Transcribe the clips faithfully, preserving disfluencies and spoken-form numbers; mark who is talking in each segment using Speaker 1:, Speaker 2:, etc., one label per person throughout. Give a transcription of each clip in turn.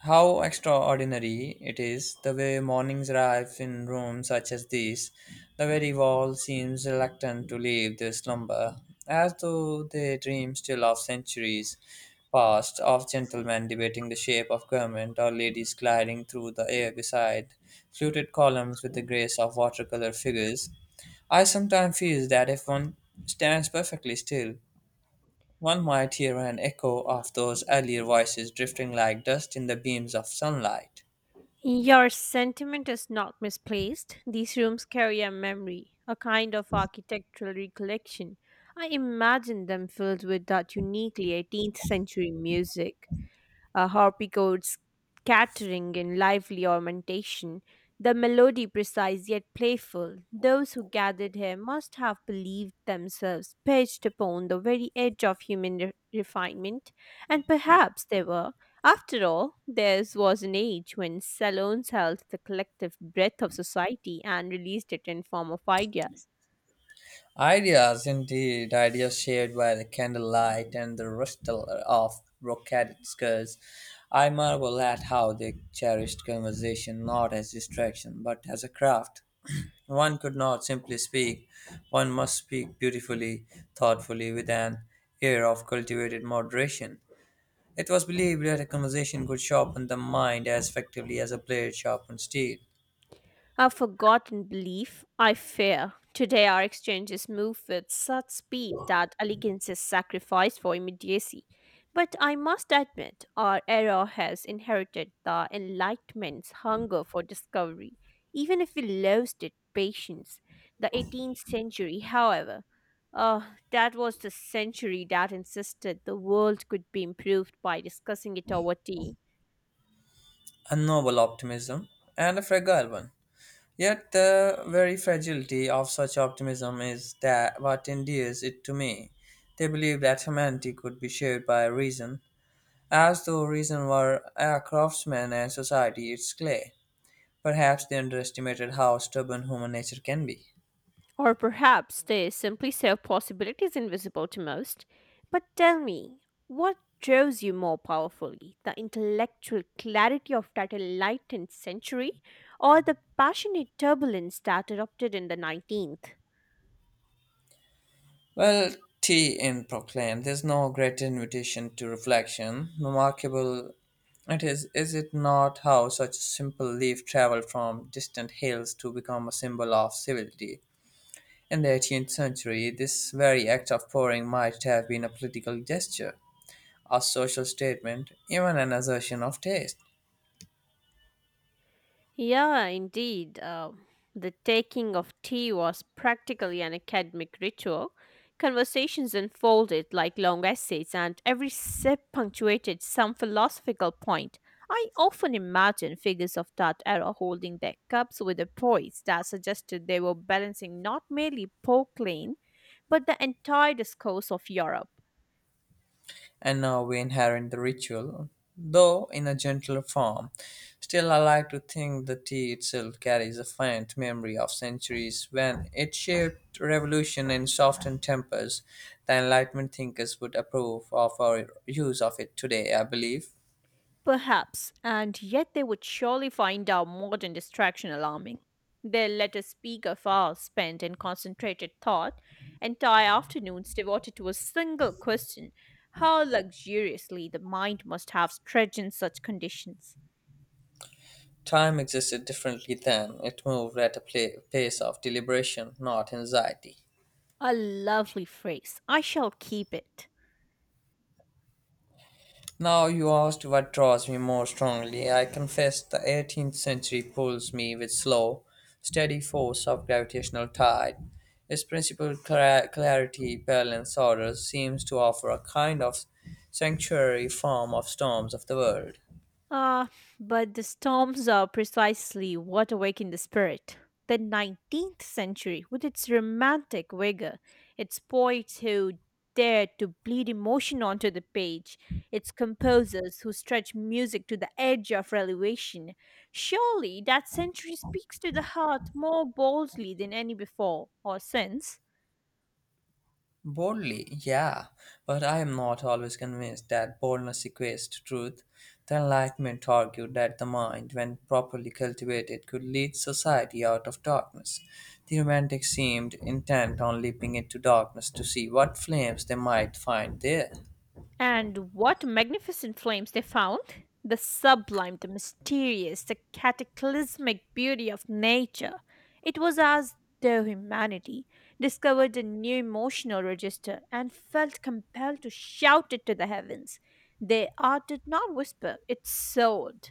Speaker 1: How extraordinary it is the way mornings arrive in rooms such as these. The very wall seems reluctant to leave their slumber, as though they dream still of centuries past, of gentlemen debating the shape of garment, or ladies gliding through the air beside fluted columns with the grace of watercolor figures. I sometimes feel that if one stands perfectly still, one might hear an echo of those earlier voices drifting like dust in the beams of sunlight.
Speaker 2: Your sentiment is not misplaced. These rooms carry a memory, a kind of architectural recollection. I imagine them filled with that uniquely eighteenth century music, uh, Harpygoats scattering in lively ornamentation, the melody precise yet playful. Those who gathered here must have believed themselves perched upon the very edge of human re- refinement, and perhaps they were. After all, theirs was an age when salons held the collective breath of society and released it in form of ideas.
Speaker 1: Ideas, indeed, ideas shared by the candlelight and the rustle of brocaded skirts. I marvel at how they cherished conversation not as distraction but as a craft. One could not simply speak, one must speak beautifully, thoughtfully, with an air of cultivated moderation. It was believed that a conversation could sharpen the mind as effectively as a blade sharpens steel.
Speaker 2: A forgotten belief, I fear. Today, our exchanges move with such speed that elegance is sacrificed for immediacy. But I must admit, our era has inherited the Enlightenment's hunger for discovery, even if we lost it patience. The eighteenth century, however, uh, that was the century that insisted the world could be improved by discussing it over tea.
Speaker 1: A noble optimism and a fragile one. Yet the very fragility of such optimism is that what endears it to me. They believed that humanity could be shaped by reason, as though reason were a craftsman and society its clay. Perhaps they underestimated how stubborn human nature can be.
Speaker 2: Or perhaps they simply saw possibilities invisible to most. But tell me, what draws you more powerfully? The intellectual clarity of that enlightened century, or the passionate turbulence that erupted in the nineteenth?
Speaker 1: Well, tea in Proclaim, there's no great invitation to reflection. Remarkable it is, is it not, how such a simple leaf traveled from distant hills to become a symbol of civility? In the eighteenth century, this very act of pouring might have been a political gesture, a social statement, even an assertion of taste.
Speaker 2: Yeah, indeed. Uh, the taking of tea was practically an academic ritual. Conversations unfolded like long essays, and every sip punctuated some philosophical point. I often imagine figures of that era holding their cups with a poise that suggested they were balancing not merely Pauline, but the entire discourse of Europe.
Speaker 1: And now we inherit the ritual, though in a gentler form. Still, I like to think the tea itself carries a faint memory of centuries when it shaped revolution and softened tempers. The Enlightenment thinkers would approve of our use of it today, I believe.
Speaker 2: Perhaps, and yet they would surely find our modern distraction alarming. They'll let us speak of hours spent in concentrated thought, entire afternoons devoted to a single question. How luxuriously the mind must have stretched in such conditions.
Speaker 1: Time existed differently then, it moved at a pla pace of deliberation, not anxiety.
Speaker 2: A lovely phrase. I shall keep it.
Speaker 1: Now you asked what draws me more strongly. I confess the eighteenth century pulls me with slow, steady force of gravitational tide. Its principal cla- clarity, balance, order seems to offer a kind of sanctuary form of storms of the world.
Speaker 2: Ah, but the storms are precisely what awakened the spirit. The nineteenth century, with its romantic vigor, its poets who dared to bleed emotion onto the page, its composers who stretched music to the edge of elevation, surely that century speaks to the heart more boldly than any before or since.
Speaker 1: Boldly, yeah, but I am not always convinced that boldness equates to truth. The Enlightenment argued that the mind, when properly cultivated, could lead society out of darkness. The Romantics seemed intent on leaping into darkness to see what flames they might find there.
Speaker 2: And what magnificent flames they found! The sublime, the mysterious, the cataclysmic beauty of nature. It was as though humanity discovered a new emotional register and felt compelled to shout it to the heavens. Their art did not whisper, it soared.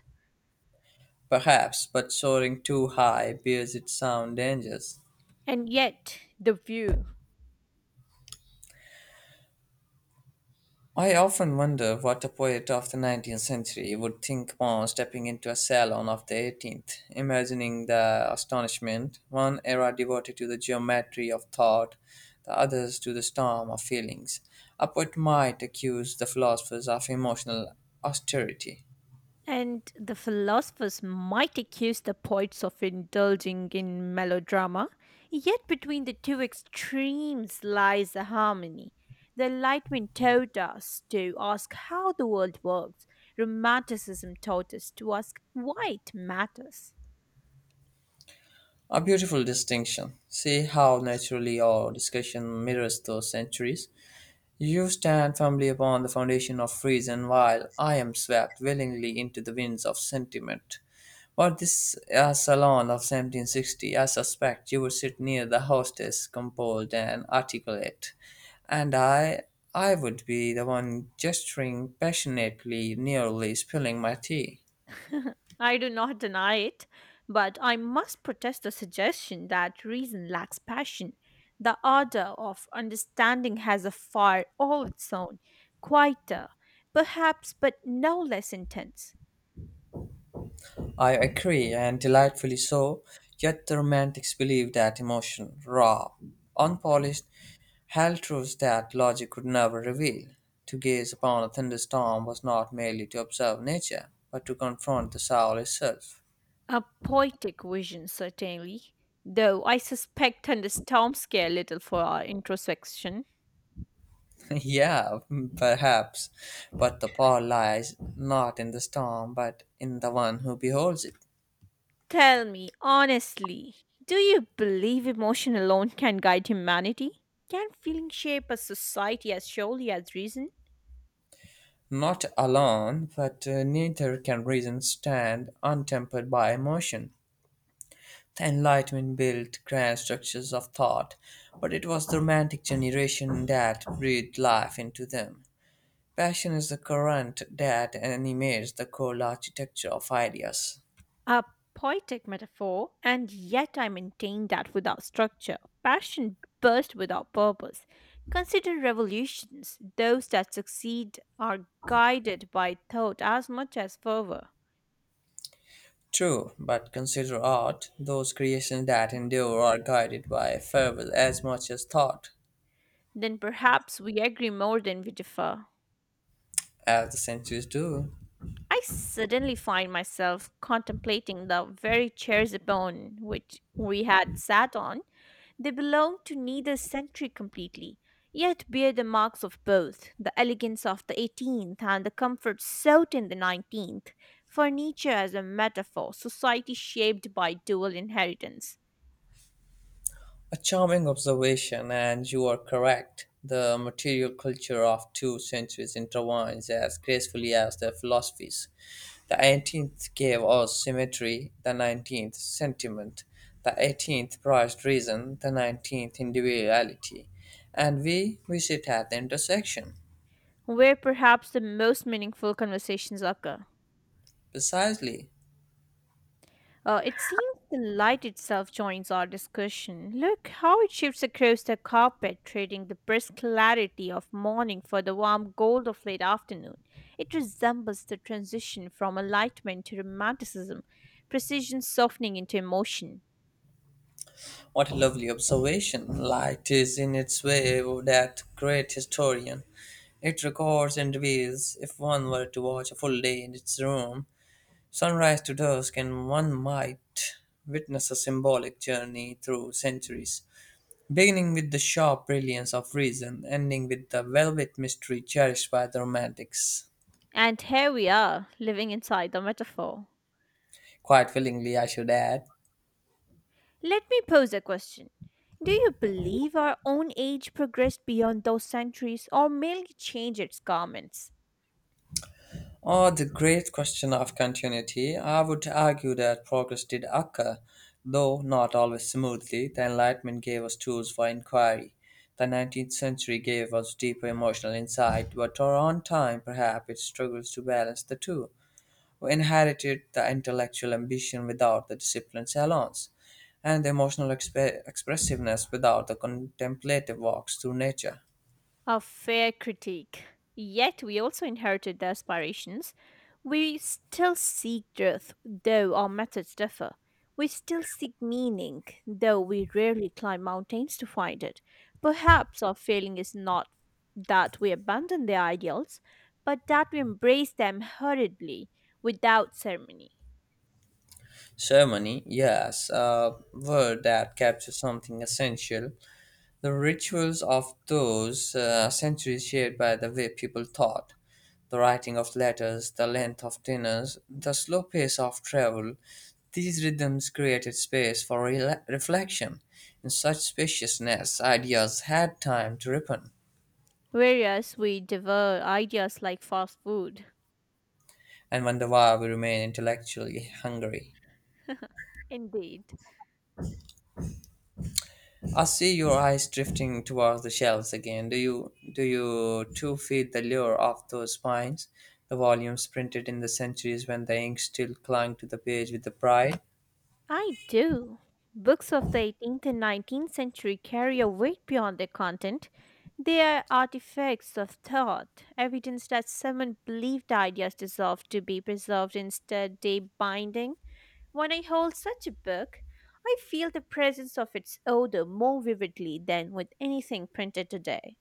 Speaker 1: Perhaps, but soaring too high bears its own dangers.
Speaker 2: And yet, the view.
Speaker 1: I often wonder what a poet of the nineteenth century would think upon stepping into a salon of the eighteenth, imagining the astonishment, one era devoted to the geometry of thought, the others to the storm of feelings. A poet might accuse the philosophers of emotional austerity.
Speaker 2: And the philosophers might accuse the poets of indulging in melodrama, yet between the two extremes lies the harmony. The Enlightenment taught us to ask how the world works, Romanticism taught us to ask why it matters.
Speaker 1: A beautiful distinction. See how naturally our discussion mirrors those centuries. You stand firmly upon the foundation of reason, while I am swept willingly into the winds of sentiment. Or this uh, salon of seventeen sixty, I suspect you would sit near the hostess, composed and articulate, and I, I would be the one gesturing passionately, nearly spilling my tea.
Speaker 2: I do not deny it, but I must protest the suggestion that reason lacks passion. The ardor of understanding has a fire all its own, quieter, perhaps, but no less intense.
Speaker 1: I agree, and delightfully so, yet the romantics believed that emotion, raw, unpolished, held truths that logic could never reveal. To gaze upon a thunderstorm was not merely to observe nature, but to confront the soul itself.
Speaker 2: A poetic vision, certainly, though I suspect thunderstorms care little for our introspection.
Speaker 1: Yeah, perhaps. But the power lies not in the storm, but in the one who beholds it.
Speaker 2: Tell me, honestly, do you believe emotion alone can guide humanity? Can feeling shape a society as surely as reason?
Speaker 1: Not alone, but uh, neither can reason stand untempered by emotion. The Enlightenment built grand structures of thought, but it was the Romantic generation that breathed life into them. Passion is the current that animates the cold architecture of ideas.
Speaker 2: A poetic metaphor, and yet I maintain that without structure, passion bursts without purpose. Consider revolutions. Those that succeed are guided by thought as much as fervor.
Speaker 1: True, but consider art. Those creations that endure are guided by fervor as much as thought,
Speaker 2: Then perhaps we agree more than we differ.
Speaker 1: as the centuries do.
Speaker 2: I suddenly find myself contemplating the very chairs upon which we had sat on. They belong to neither century completely, yet bear the marks of both, the elegance of the eighteenth and the comfort sought in the nineteenth. Furniture as a metaphor, society shaped by dual inheritance,
Speaker 1: A charming observation, and you are correct. The material culture of two centuries intertwines as gracefully as their philosophies. The eighteenth gave us symmetry, the nineteenth sentiment, the eighteenth prized reason, the nineteenth individuality, and we, we sit at the intersection.
Speaker 2: where perhaps the most meaningful conversations occur.
Speaker 1: Precisely.
Speaker 2: Uh, it seems the light itself joins our discussion. Look how it shifts across the carpet, trading the brisk clarity of morning for the warm gold of late afternoon. It resembles the transition from enlightenment to romanticism, precision softening into emotion.
Speaker 1: What a lovely observation! Light is in its way that great historian. It records and reveals, if one were to watch a full day in its room, sunrise to dusk, and one might witness a symbolic journey through centuries, beginning with the sharp brilliance of reason, ending with the velvet mystery cherished by the romantics.
Speaker 2: And here we are, living inside the metaphor.
Speaker 1: Quite willingly, I should add.
Speaker 2: Let me pose a question. Do you believe our own age progressed beyond those centuries, or merely changed its garments?
Speaker 1: Oh, the great question of continuity. I would argue that progress did occur, though not always smoothly. The Enlightenment gave us tools for inquiry. The nineteenth century gave us deeper emotional insight, but our own time, perhaps, it struggles to balance the two. We inherited the intellectual ambition without the disciplined salons, and the emotional exp- expressiveness without the contemplative walks through nature.
Speaker 2: A fair critique. Yet we also inherited their aspirations. We still seek truth, though our methods differ. We still seek meaning, though we rarely climb mountains to find it. Perhaps our failing is not that we abandon their ideals, but that we embrace them hurriedly, without ceremony.
Speaker 1: Ceremony, yes, a word that captures something essential. The rituals of those uh, centuries shaped by the way people thought, the writing of letters, the length of dinners, the slow pace of travel. These rhythms created space for rela reflection. In such spaciousness, ideas had time to ripen
Speaker 2: Whereas we devour ideas like fast food.
Speaker 1: and wonder why we remain intellectually hungry.
Speaker 2: Indeed.
Speaker 1: I see your eyes drifting towards the shelves again. Do you do you too feel the lure of those spines, the volumes printed in the centuries when the ink still clung to the page with the pride?
Speaker 2: I do. Books of the eighteenth and nineteenth century carry a weight beyond their content. They are artifacts of thought, evidence that someone believed ideas deserved to be preserved instead they binding. When I hold such a book, I feel the presence of its odor more vividly than with anything printed today.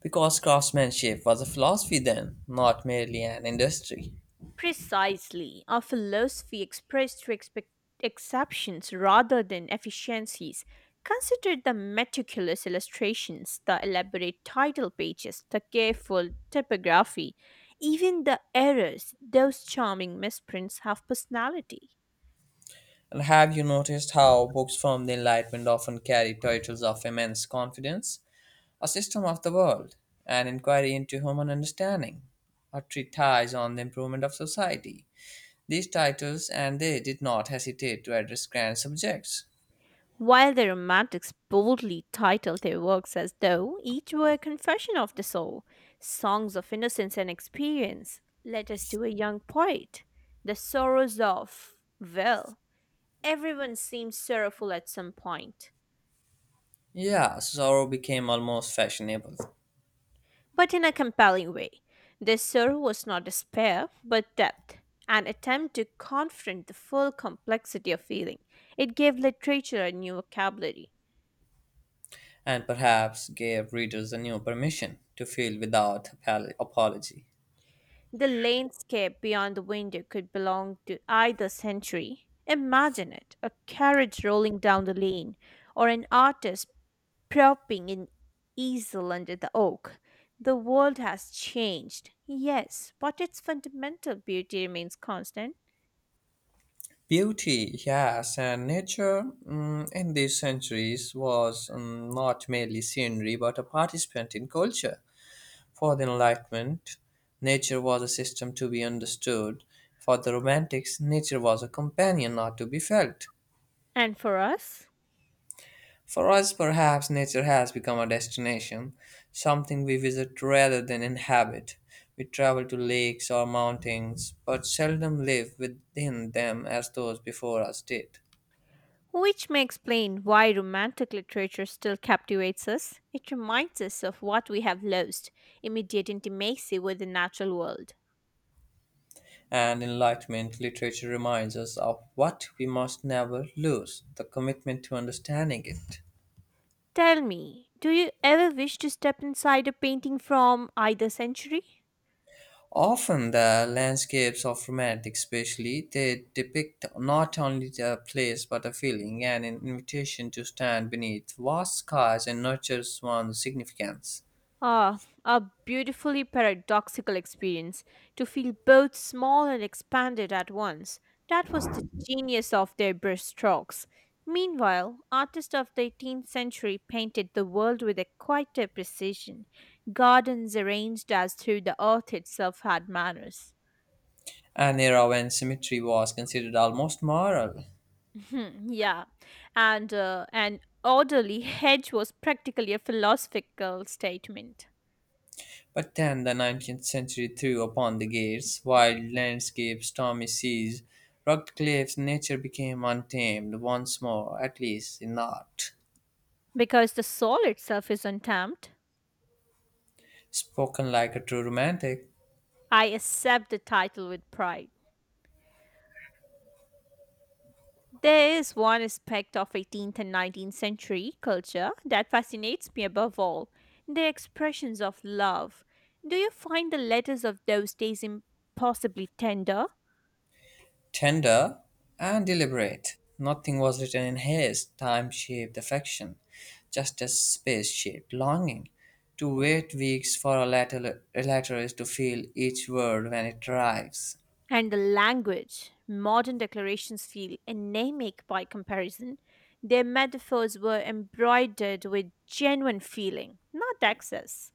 Speaker 1: Because craftsmanship was a philosophy then, not merely an industry.
Speaker 2: Precisely, our philosophy expressed through expe- exceptions rather than efficiencies. Consider the meticulous illustrations, the elaborate title pages, the careful typography, even the errors. Those charming misprints have personality.
Speaker 1: And have you noticed how books from the Enlightenment often carry titles of immense confidence? A system of the world, an inquiry into human understanding, a treatise on the improvement of society these titles, and they did not hesitate to address grand subjects.
Speaker 2: While the Romantics boldly titled their works as though each were a confession of the soul, songs of innocence and experience, letters to a young poet, the sorrows of, well, everyone seems sorrowful at some point,
Speaker 1: Yeah, sorrow became almost fashionable,
Speaker 2: but in a compelling way. This sorrow was not despair, but depth, an attempt to confront the full complexity of feeling. It gave literature a new vocabulary.
Speaker 1: and perhaps gave readers a new permission to feel without apol- apology.
Speaker 2: The landscape beyond the window could belong to either century. Imagine it, a carriage rolling down the lane, or an artist propping an easel under the oak. The world has changed, yes, but its fundamental beauty remains constant.
Speaker 1: Beauty, yes, and nature mm, in these centuries was mm, not merely scenery but a participant in culture. For the Enlightenment, nature was a system to be understood. For the Romantics, nature was a companion not to be felt.
Speaker 2: And for us?
Speaker 1: For us, perhaps, nature has become a destination, something we visit rather than inhabit. We travel to lakes or mountains, but seldom live within them as those before us did.
Speaker 2: Which may explain why romantic literature still captivates us. It reminds us of what we have lost, immediate intimacy with the natural world.
Speaker 1: And Enlightenment literature reminds us of what we must never lose the commitment to understanding it.
Speaker 2: Tell me, do you ever wish to step inside a painting from either century?
Speaker 1: Often the landscapes of romantic especially they depict not only the place but a feeling and an invitation to stand beneath vast skies and nurture one's significance.
Speaker 2: Ah, a beautifully paradoxical experience, to feel both small and expanded at once. That was the genius of their brushstrokes. Meanwhile, artists of the eighteenth century painted the world with a quieter precision, gardens arranged as though the earth itself had manners.
Speaker 1: An era when symmetry was considered almost moral.
Speaker 2: Hmm, yeah, and uh, an orderly hedge was practically a philosophical statement
Speaker 1: But then the nineteenth century threw upon the gates, wild landscapes, stormy seas, rugged cliffs, nature became untamed once more, at least in art.
Speaker 2: because the soul itself is untamed.
Speaker 1: Spoken like a true romantic.
Speaker 2: I accept the title with pride. There is one aspect of eighteenth and nineteenth century culture that fascinates me above all, the expressions of love. Do you find the letters of those days impossibly tender?
Speaker 1: Tender and deliberate, nothing was written in haste. Time shaped affection, just as space shaped longing. To wait weeks for a letter, a letter is to feel each word when it arrives.
Speaker 2: And the language. Modern declarations feel anemic by comparison. Their metaphors were embroidered with genuine feeling, not excess.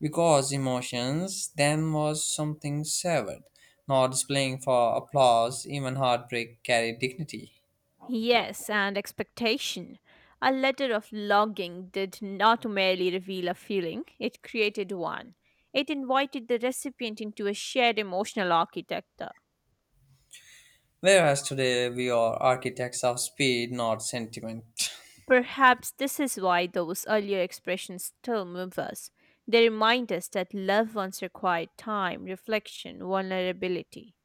Speaker 1: Because emotions then was something severed, not displaying for applause, even heartbreak carried dignity.
Speaker 2: Yes, and expectation. A letter of longing did not merely reveal a feeling, it created one. It invited the recipient into a shared emotional architecture.
Speaker 1: Whereas today we are architects of speed, not sentiment.
Speaker 2: Perhaps this is why those earlier expressions still move us. They remind us that love once required time, reflection, vulnerability.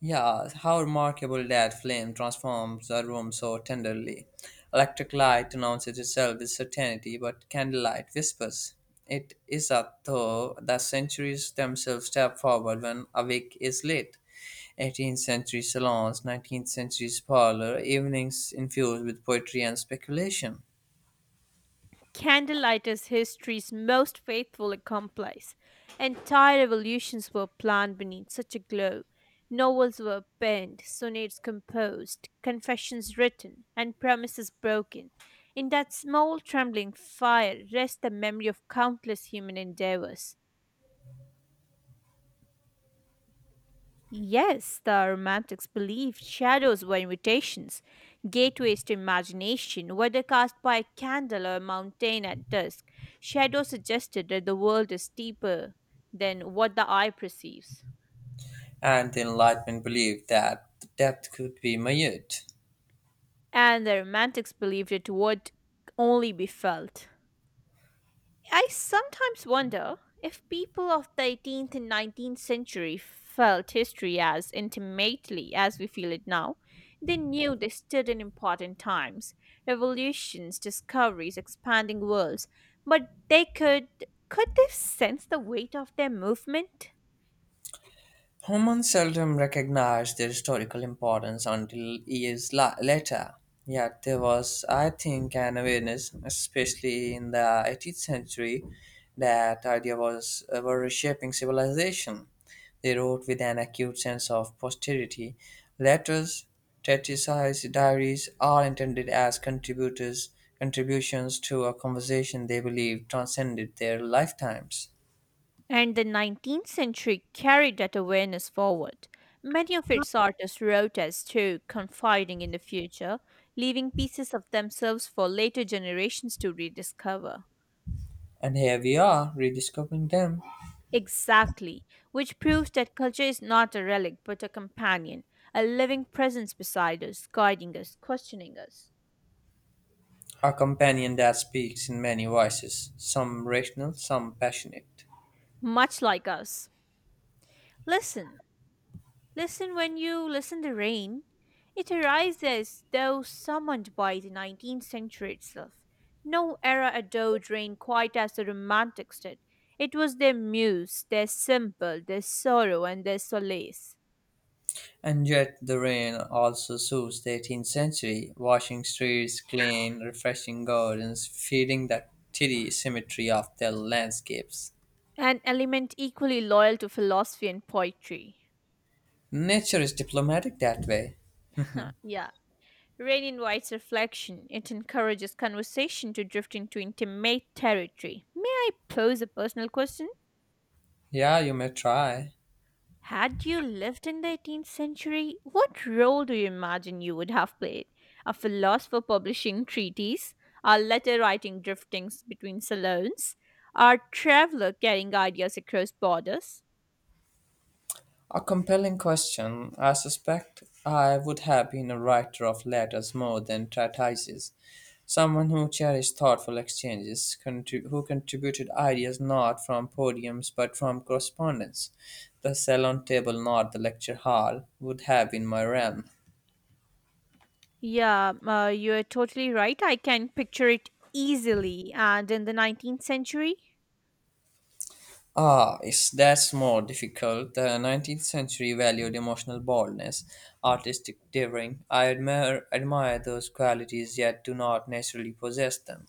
Speaker 1: Yeah, how remarkable that flame transforms a room so tenderly. Electric light announces itself with certainty, but candlelight whispers. It is as though the centuries themselves step forward when a wick is lit. eighteenth century salons, nineteenth century parlor, evenings infused with poetry and speculation.
Speaker 2: Candlelight is history's most faithful accomplice. Entire revolutions were planned beneath such a glow. Novels were penned, sonnets composed, confessions written, and promises broken. In that small trembling fire rests the memory of countless human endeavors. Yes, the romantics believed shadows were invitations, gateways to imagination, whether cast by a candle or a mountain at dusk. Shadows suggested that the world is deeper than what the eye perceives.
Speaker 1: And the Enlightenment believed that depth could be measured.
Speaker 2: And the romantics believed it would only be felt. I sometimes wonder if people of the eighteenth and nineteenth century felt history as intimately as we feel it now. They knew they stood in important times, revolutions, discoveries, expanding worlds, but they could could they sense the weight of their movement?
Speaker 1: Humans seldom recognize their historical importance until years la- later. Yet there was, I think, an awareness, especially in the eighteenth century, that idea was uh, were reshaping civilization. They wrote with an acute sense of posterity. Letters, treatises, diaries, all intended as contributors contributions to a conversation they believed transcended their lifetimes.
Speaker 2: And the nineteenth century carried that awareness forward. Many of its artists wrote as too confiding in the future, leaving pieces of themselves for later generations to rediscover.
Speaker 1: And here we are rediscovering them.
Speaker 2: Exactly, which proves that culture is not a relic but a companion, a living presence beside us, guiding us, questioning us,
Speaker 1: A companion that speaks in many voices, some rational, some passionate.
Speaker 2: much like us. Listen, Listen when you listen to rain. It arises though summoned by the nineteenth century itself. No era adored rain quite as the Romantics did. It was their muse, their symbol, their sorrow, and their solace.
Speaker 1: And yet the rain also soothes the eighteenth century, washing streets clean, refreshing gardens, feeding the tidy symmetry of their landscapes.
Speaker 2: An element equally loyal to philosophy and poetry.
Speaker 1: Nature is diplomatic that way.
Speaker 2: Huh, yeah. Rain invites reflection. It encourages conversation to drift into intimate territory. May I pose a personal question?
Speaker 1: Yeah, you may try.
Speaker 2: Had you lived in the eighteenth century, what role do you imagine you would have played? A philosopher publishing treatises, a letter writing driftings between salons, a traveler carrying ideas across borders?
Speaker 1: A compelling question. I suspect I would have been a writer of letters more than treatises, someone who cherished thoughtful exchanges, contri- who contributed ideas not from podiums but from correspondence. The salon table, not the lecture hall, would have been my realm.
Speaker 2: Yeah, uh, you're totally right. I can picture it easily. And in the nineteenth century?
Speaker 1: Ah, is that's more difficult. The nineteenth century valued emotional boldness, artistic daring. I admire admire those qualities, yet do not naturally possess them.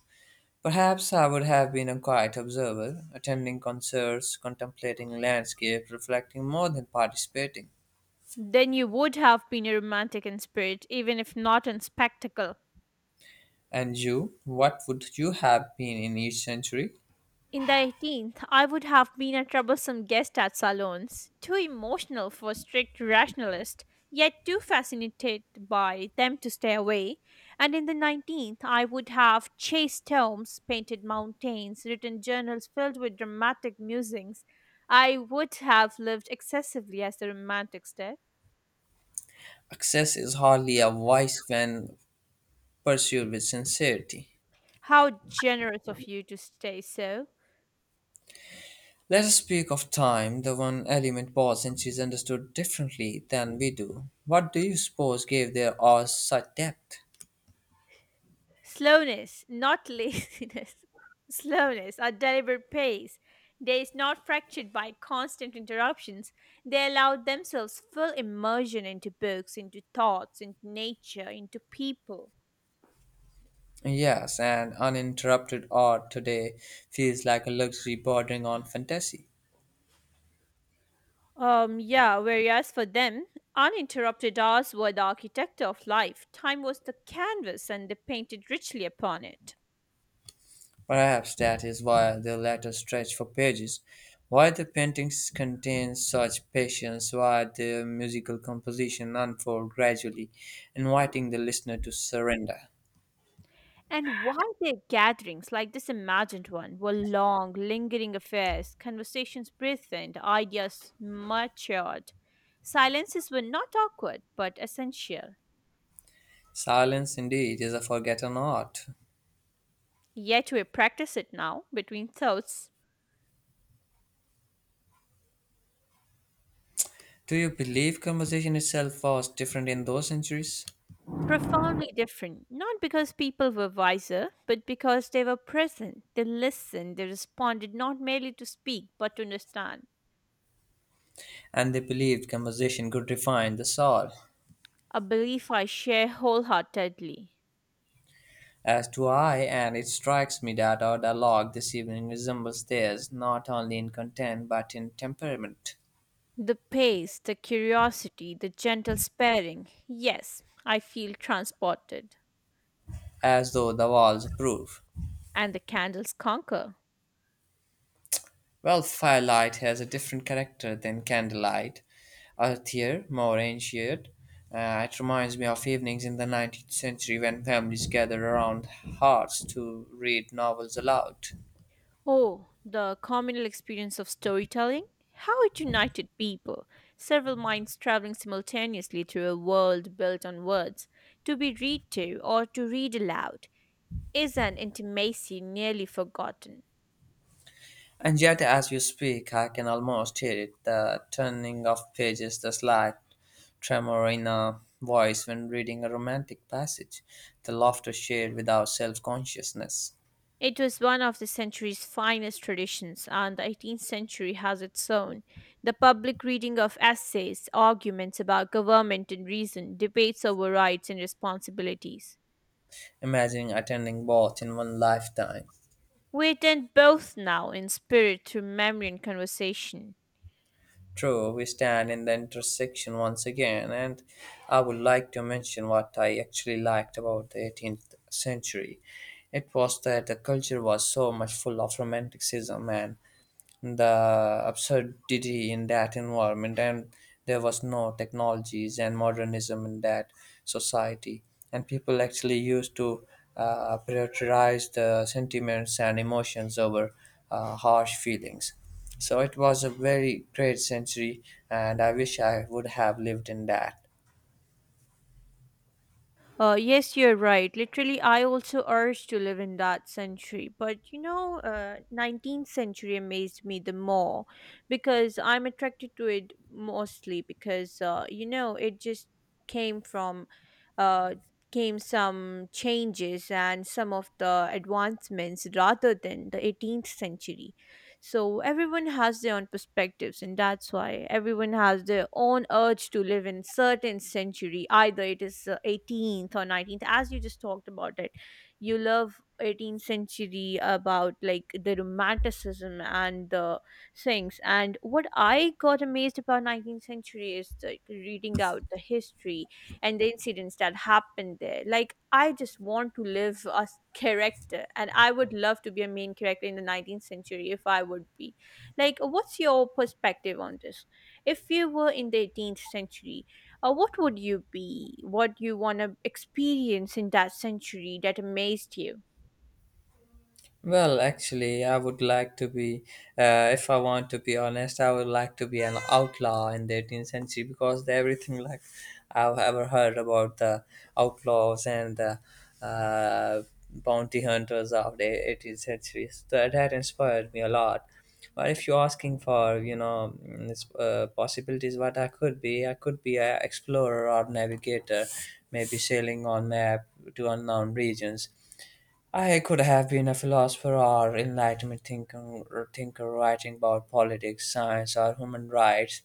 Speaker 1: Perhaps I would have been a quiet observer, attending concerts, contemplating landscapes, reflecting more than participating.
Speaker 2: Then you would have been a romantic in spirit, even if not in spectacle.
Speaker 1: And you, what would you have been in each century?
Speaker 2: In the eighteenth, I would have been a troublesome guest at salons, too emotional for strict rationalist, yet too fascinated by them to stay away. And in the nineteenth, I would have chased tomes, painted mountains, written journals filled with dramatic musings. I would have lived excessively as the romantics did.
Speaker 1: Success is hardly a vice when pursued with sincerity.
Speaker 2: How generous of you to stay so.
Speaker 1: Let us speak of time, the one element both centuries understood differently than we do. What do you suppose gave their art such depth?
Speaker 2: Slowness, not laziness. Slowness, a deliberate pace. They is not fractured by constant interruptions. They allow themselves full immersion into books, into thoughts, into nature, into people.
Speaker 1: Yes, and uninterrupted art today feels like a luxury bordering on fantasy.
Speaker 2: Um, yeah, whereas for them, uninterrupted hours were the architecture of life. Time was the canvas and they painted richly upon it.
Speaker 1: Perhaps that is why the letter stretched for pages, why the paintings contain such patience, why the musical composition unfolds gradually, inviting the listener to surrender.
Speaker 2: And while their gatherings, like this imagined one, were long, lingering affairs, conversations breathed, ideas matured, silences were not awkward but essential.
Speaker 1: Silence, indeed, is a forgotten art.
Speaker 2: Yet we practice it now between thoughts,
Speaker 1: Do you believe conversation itself was different in those centuries?
Speaker 2: profoundly different, not because people were wiser, but because they were present. They listened, they responded not merely to speak but to understand.
Speaker 1: And they believed conversation could refine the soul.
Speaker 2: A belief I share wholeheartedly.
Speaker 1: As do I, and it strikes me that our dialogue this evening resembles theirs not only in content but in temperament.
Speaker 2: The pace, the curiosity, the gentle sparing. Yes, I feel transported.
Speaker 1: As though the walls approve.
Speaker 2: And the candles conquer.
Speaker 1: Well, firelight has a different character than candlelight, earthier, more ancient. Uh, it reminds me of evenings in the nineteenth century when families gathered around hearths to read novels aloud.
Speaker 2: Oh, the communal experience of storytelling. How it united people, several minds traveling simultaneously through a world built on words, to be read to or to read aloud, is an intimacy nearly forgotten.
Speaker 1: And yet, as you speak, I can almost hear it, the turning of pages, the slight tremor in a voice when reading a romantic passage, the laughter shared without self consciousness.
Speaker 2: It was one of the century's finest traditions, and the eighteenth century has its own. The public reading of essays, arguments about government and reason, debates over rights and responsibilities.
Speaker 1: Imagining attending both in one lifetime.
Speaker 2: We attend both now in spirit through memory and conversation.
Speaker 1: True, we stand in the intersection once again, and I would like to mention what I actually liked about the eighteenth century. It was that the culture was so much full of romanticism and the absurdity in that environment, and there was no technologies and modernism in that society, and people actually used to uh, prioritize the sentiments and emotions over uh, harsh feelings, so it was a very great century, and I wish I would have lived in that.
Speaker 2: Uh, yes, you're right. Literally, I also urge to live in that century. But you know, uh, nineteenth century amazed me the more because I'm attracted to it mostly because uh, you know, it just came from uh, came some changes and some of the advancements rather than the eighteenth century. So everyone has their own perspectives, and that's why everyone has their own urge to live in certain century. Either it is uh, eighteenth or nineteenth, as you just talked about it. You love eighteenth century about like the romanticism and the things. And what I got amazed about nineteenth century is the reading out the history and the incidents that happened there. Like, I just want to live a s- character, and I would love to be a main character in the nineteenth century if I would be. Like, what's your perspective on this? If you were in the eighteenth century, uh, what would you be? What you want to experience in that century that amazed you?
Speaker 1: Well, actually, I would like to be, uh, if I want to be honest, I would like to be an outlaw in the eighteenth century because the- everything like I've ever heard about the outlaws and the uh, bounty hunters of the eighteenth century, so that, that inspired me a lot. But if you're asking for, you know, mm, this, uh, possibilities, what I could be, I could be an explorer or navigator, maybe sailing on map to unknown regions. I could have been a philosopher or enlightenment thinker, or thinker writing about politics, science, or human rights.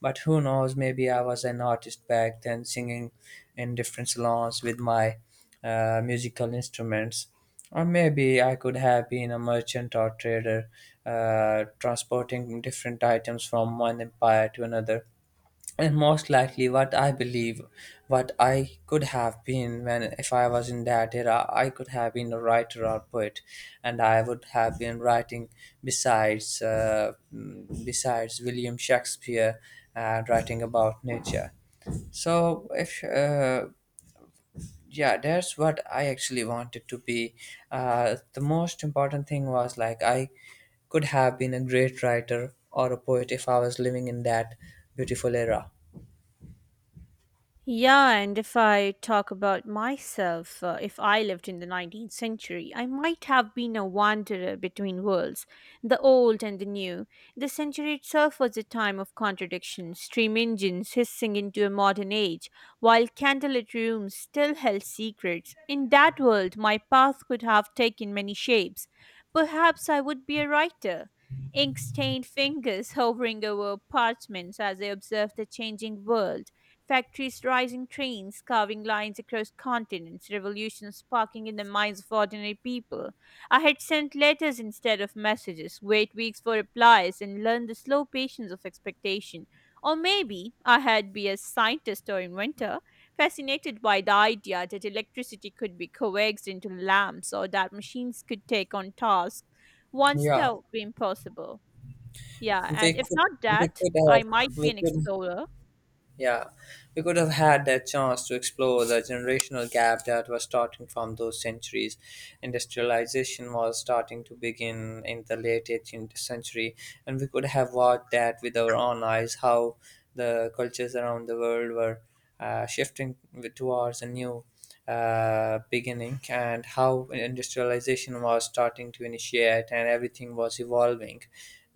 Speaker 1: But who knows, maybe I was an artist back then, singing in different salons with my uh, musical instruments. Or maybe I could have been a merchant or trader, uh, transporting different items from one empire to another, and most likely what I believe, what I could have been when if I was in that era, I could have been a writer or poet, and I would have been writing besides uh, mm, besides William Shakespeare and writing about nature. So if uh, yeah, that's what I actually wanted to be. Uh, the most important thing was like I could have been a great writer or a poet if I was living in that beautiful era.
Speaker 2: Yeah, and if I talk about myself, uh, if I lived in the nineteenth century, I might have been a wanderer between worlds, the old and the new. The century itself was a time of contradiction, steam engines hissing into a modern age, while candlelit rooms still held secrets. In that world, my path could have taken many shapes. Perhaps I would be a writer. Ink stained fingers hovering over parchments as I observed the changing world. Factories rising trains, carving lines across continents, revolutions sparking in the minds of ordinary people. I had sent letters instead of messages, wait weeks for replies, and learned the slow patience of expectation. Or maybe I had been a scientist or inventor, fascinated by the idea that electricity could be coaxed into lamps or that machines could take on tasks once
Speaker 1: Yeah,
Speaker 2: thought were impossible. Yeah,
Speaker 1: We
Speaker 2: and if
Speaker 1: could
Speaker 2: not
Speaker 1: we
Speaker 2: that,
Speaker 1: could
Speaker 2: I
Speaker 1: have
Speaker 2: might be
Speaker 1: we
Speaker 2: an
Speaker 1: could
Speaker 2: explorer.
Speaker 1: yeah, we could have had that chance to explore the generational gap that was starting from those centuries. Industrialization was starting to begin in the late eighteenth century, and we could have watched that with our own eyes how the cultures around the world were uh, shifting with- towards a new uh, beginning, and how industrialization was starting to initiate and everything was evolving,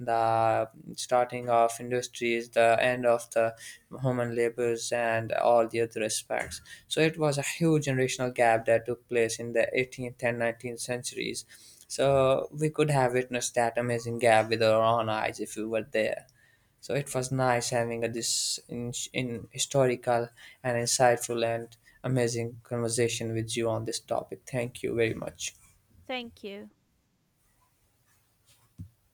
Speaker 1: the starting of industries, the end of the human labors, and all the other aspects. So it was a huge generational gap that took place in the eighteenth and nineteenth centuries. So we could have witnessed that amazing gap with our own eyes if we were there. So it was nice having a, this in, in historical and insightful and amazing conversation with you on this topic. Thank you very much.
Speaker 2: Thank you.